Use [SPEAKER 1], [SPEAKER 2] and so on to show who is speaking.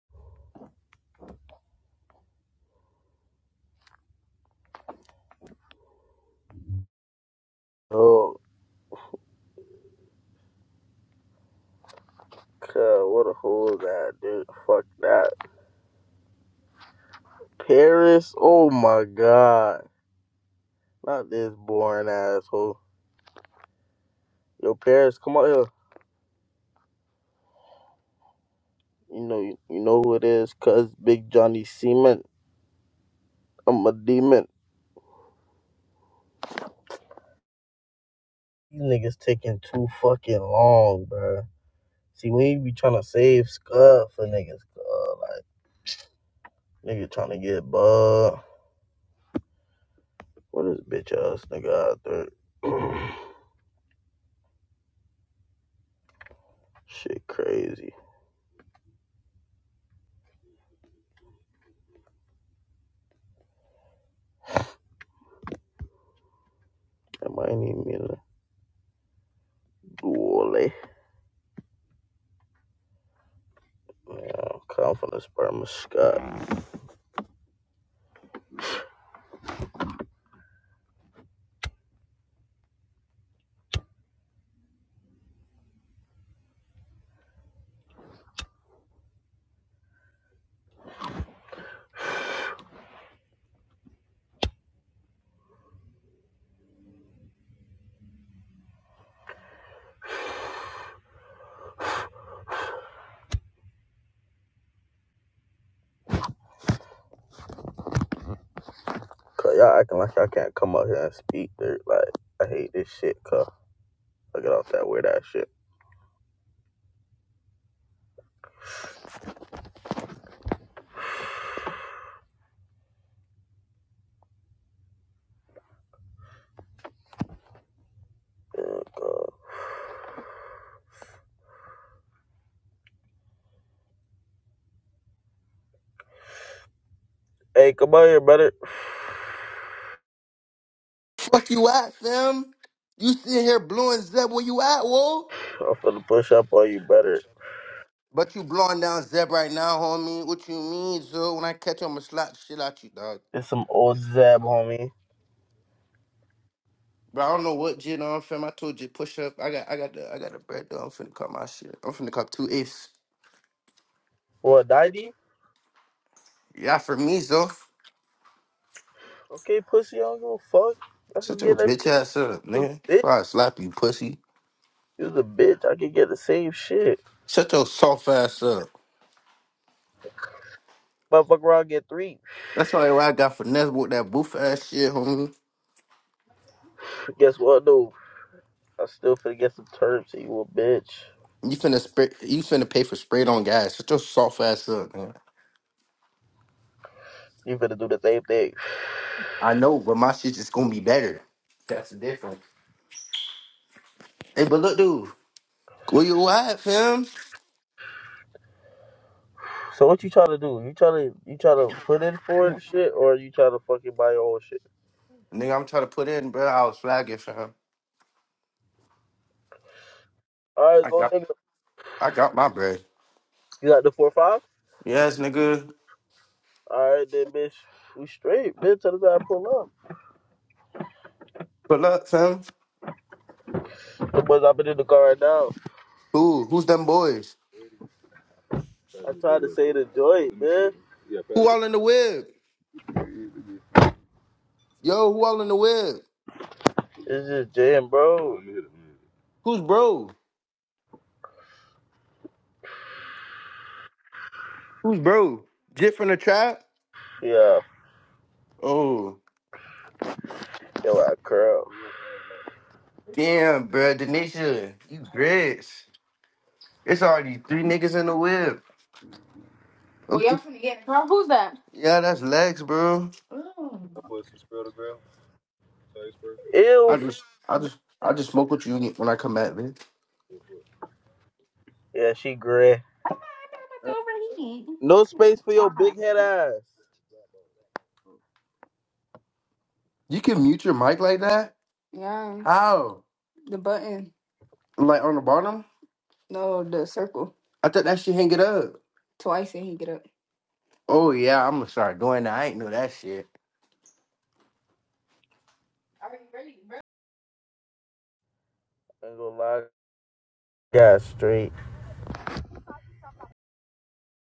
[SPEAKER 1] Oh, God, what a hole that, dude. Fuck that. Paris? Oh my God. Not this boring asshole. Yo, Paris, come out here. You know, you, you know who it is, cuz Big Johnny Cement. I'm a demon. These niggas taking too fucking long, bruh. See, we be trying to save Scud for niggas, uh, like, nigga trying to get bug. What is bitch ass nigga out there? Shit crazy. That might need me to do all that. Yeah, cause I'm finna spur my Scott. Cause y'all acting like I can't come out here and speak dirt. Like I hate this shit. Cause I get off that weird ass shit. Yeah, God. Hey, come out here, brother.
[SPEAKER 2] Fuck you at, fam? You sitting here blowing Zeb where you at, whoa?
[SPEAKER 1] I'm finna push up on you, brother.
[SPEAKER 2] But you blowing down Zeb right now, homie. What you mean, so when I catch you, I'ma slap the shit out you, dog.
[SPEAKER 1] It's some old zab, homie.
[SPEAKER 2] But I don't know what jit on, fam. I told you push up. I got I got the I got the bread though. I'm finna cut my shit. I'm finna cut two eighths.
[SPEAKER 1] What, Diddy?
[SPEAKER 2] Yeah, for me, so.
[SPEAKER 1] Okay, pussy. I don't give a fuck. I
[SPEAKER 2] Shut
[SPEAKER 1] can
[SPEAKER 2] your
[SPEAKER 1] get that
[SPEAKER 2] bitch
[SPEAKER 1] shit.
[SPEAKER 2] ass up,
[SPEAKER 1] You was
[SPEAKER 2] nigga.
[SPEAKER 1] a bitch.
[SPEAKER 2] Before I slap you, pussy.
[SPEAKER 1] You was a bitch. I can get the same shit.
[SPEAKER 2] Shut your soft ass up.
[SPEAKER 1] Motherfucker, i get three.
[SPEAKER 2] That's all I got for Nez with that boof ass shit, homie.
[SPEAKER 1] Guess what, dude? I still finna get some terms. and You a bitch.
[SPEAKER 2] You finna spray, you finna pay for sprayed on gas. Shut your soft ass up, man.
[SPEAKER 1] You finna do the same thing.
[SPEAKER 2] I know, but my shit just gonna be better. That's the difference. Hey, but look, dude, where you at, fam?
[SPEAKER 1] So what you try to do? You try to you try to put in for it and shit, or you try to fucking buy your own shit?
[SPEAKER 2] Nigga, I'm trying to put in, bro. I was flagging, fam.
[SPEAKER 1] All right,
[SPEAKER 2] I
[SPEAKER 1] go
[SPEAKER 2] got,
[SPEAKER 1] nigga.
[SPEAKER 2] I got my bread.
[SPEAKER 1] You got the four five.
[SPEAKER 2] Yes, nigga.
[SPEAKER 1] All right, then bitch, we straight, bitch. Till the time I pull up.
[SPEAKER 2] But look, fam.
[SPEAKER 1] The boys, I've been in the car right now.
[SPEAKER 2] Who? Who's them boys?
[SPEAKER 1] I tried to say the joint, man.
[SPEAKER 2] Who all in the web? Yo, who all in the web?
[SPEAKER 1] It's just jam, bro.
[SPEAKER 2] Who's bro? Who's bro? Jit from the trap?
[SPEAKER 1] Yeah,
[SPEAKER 2] Oh,
[SPEAKER 1] yo, I curl.
[SPEAKER 2] damn, bro. Denisha, you rich. It's already three niggas in the web. Okay. Well, y'all finna the car. Who's that? Yeah, that's Lex, bro.
[SPEAKER 1] Ew.
[SPEAKER 2] I just, I
[SPEAKER 1] f-
[SPEAKER 2] just, I just smoke what you get when I come back, bitch.
[SPEAKER 1] Yeah, she gray.
[SPEAKER 2] I got overheat.
[SPEAKER 1] No space for your
[SPEAKER 2] God.
[SPEAKER 1] big head ass.
[SPEAKER 2] You can mute your mic like that? Yeah, How? the button. Like on the bottom? No, the circle. I thought that shit hang it up. Twice and he get up. Oh yeah, I'm gonna start doing that. I ain't know that shit.
[SPEAKER 1] I ain't gonna lie. Got straight.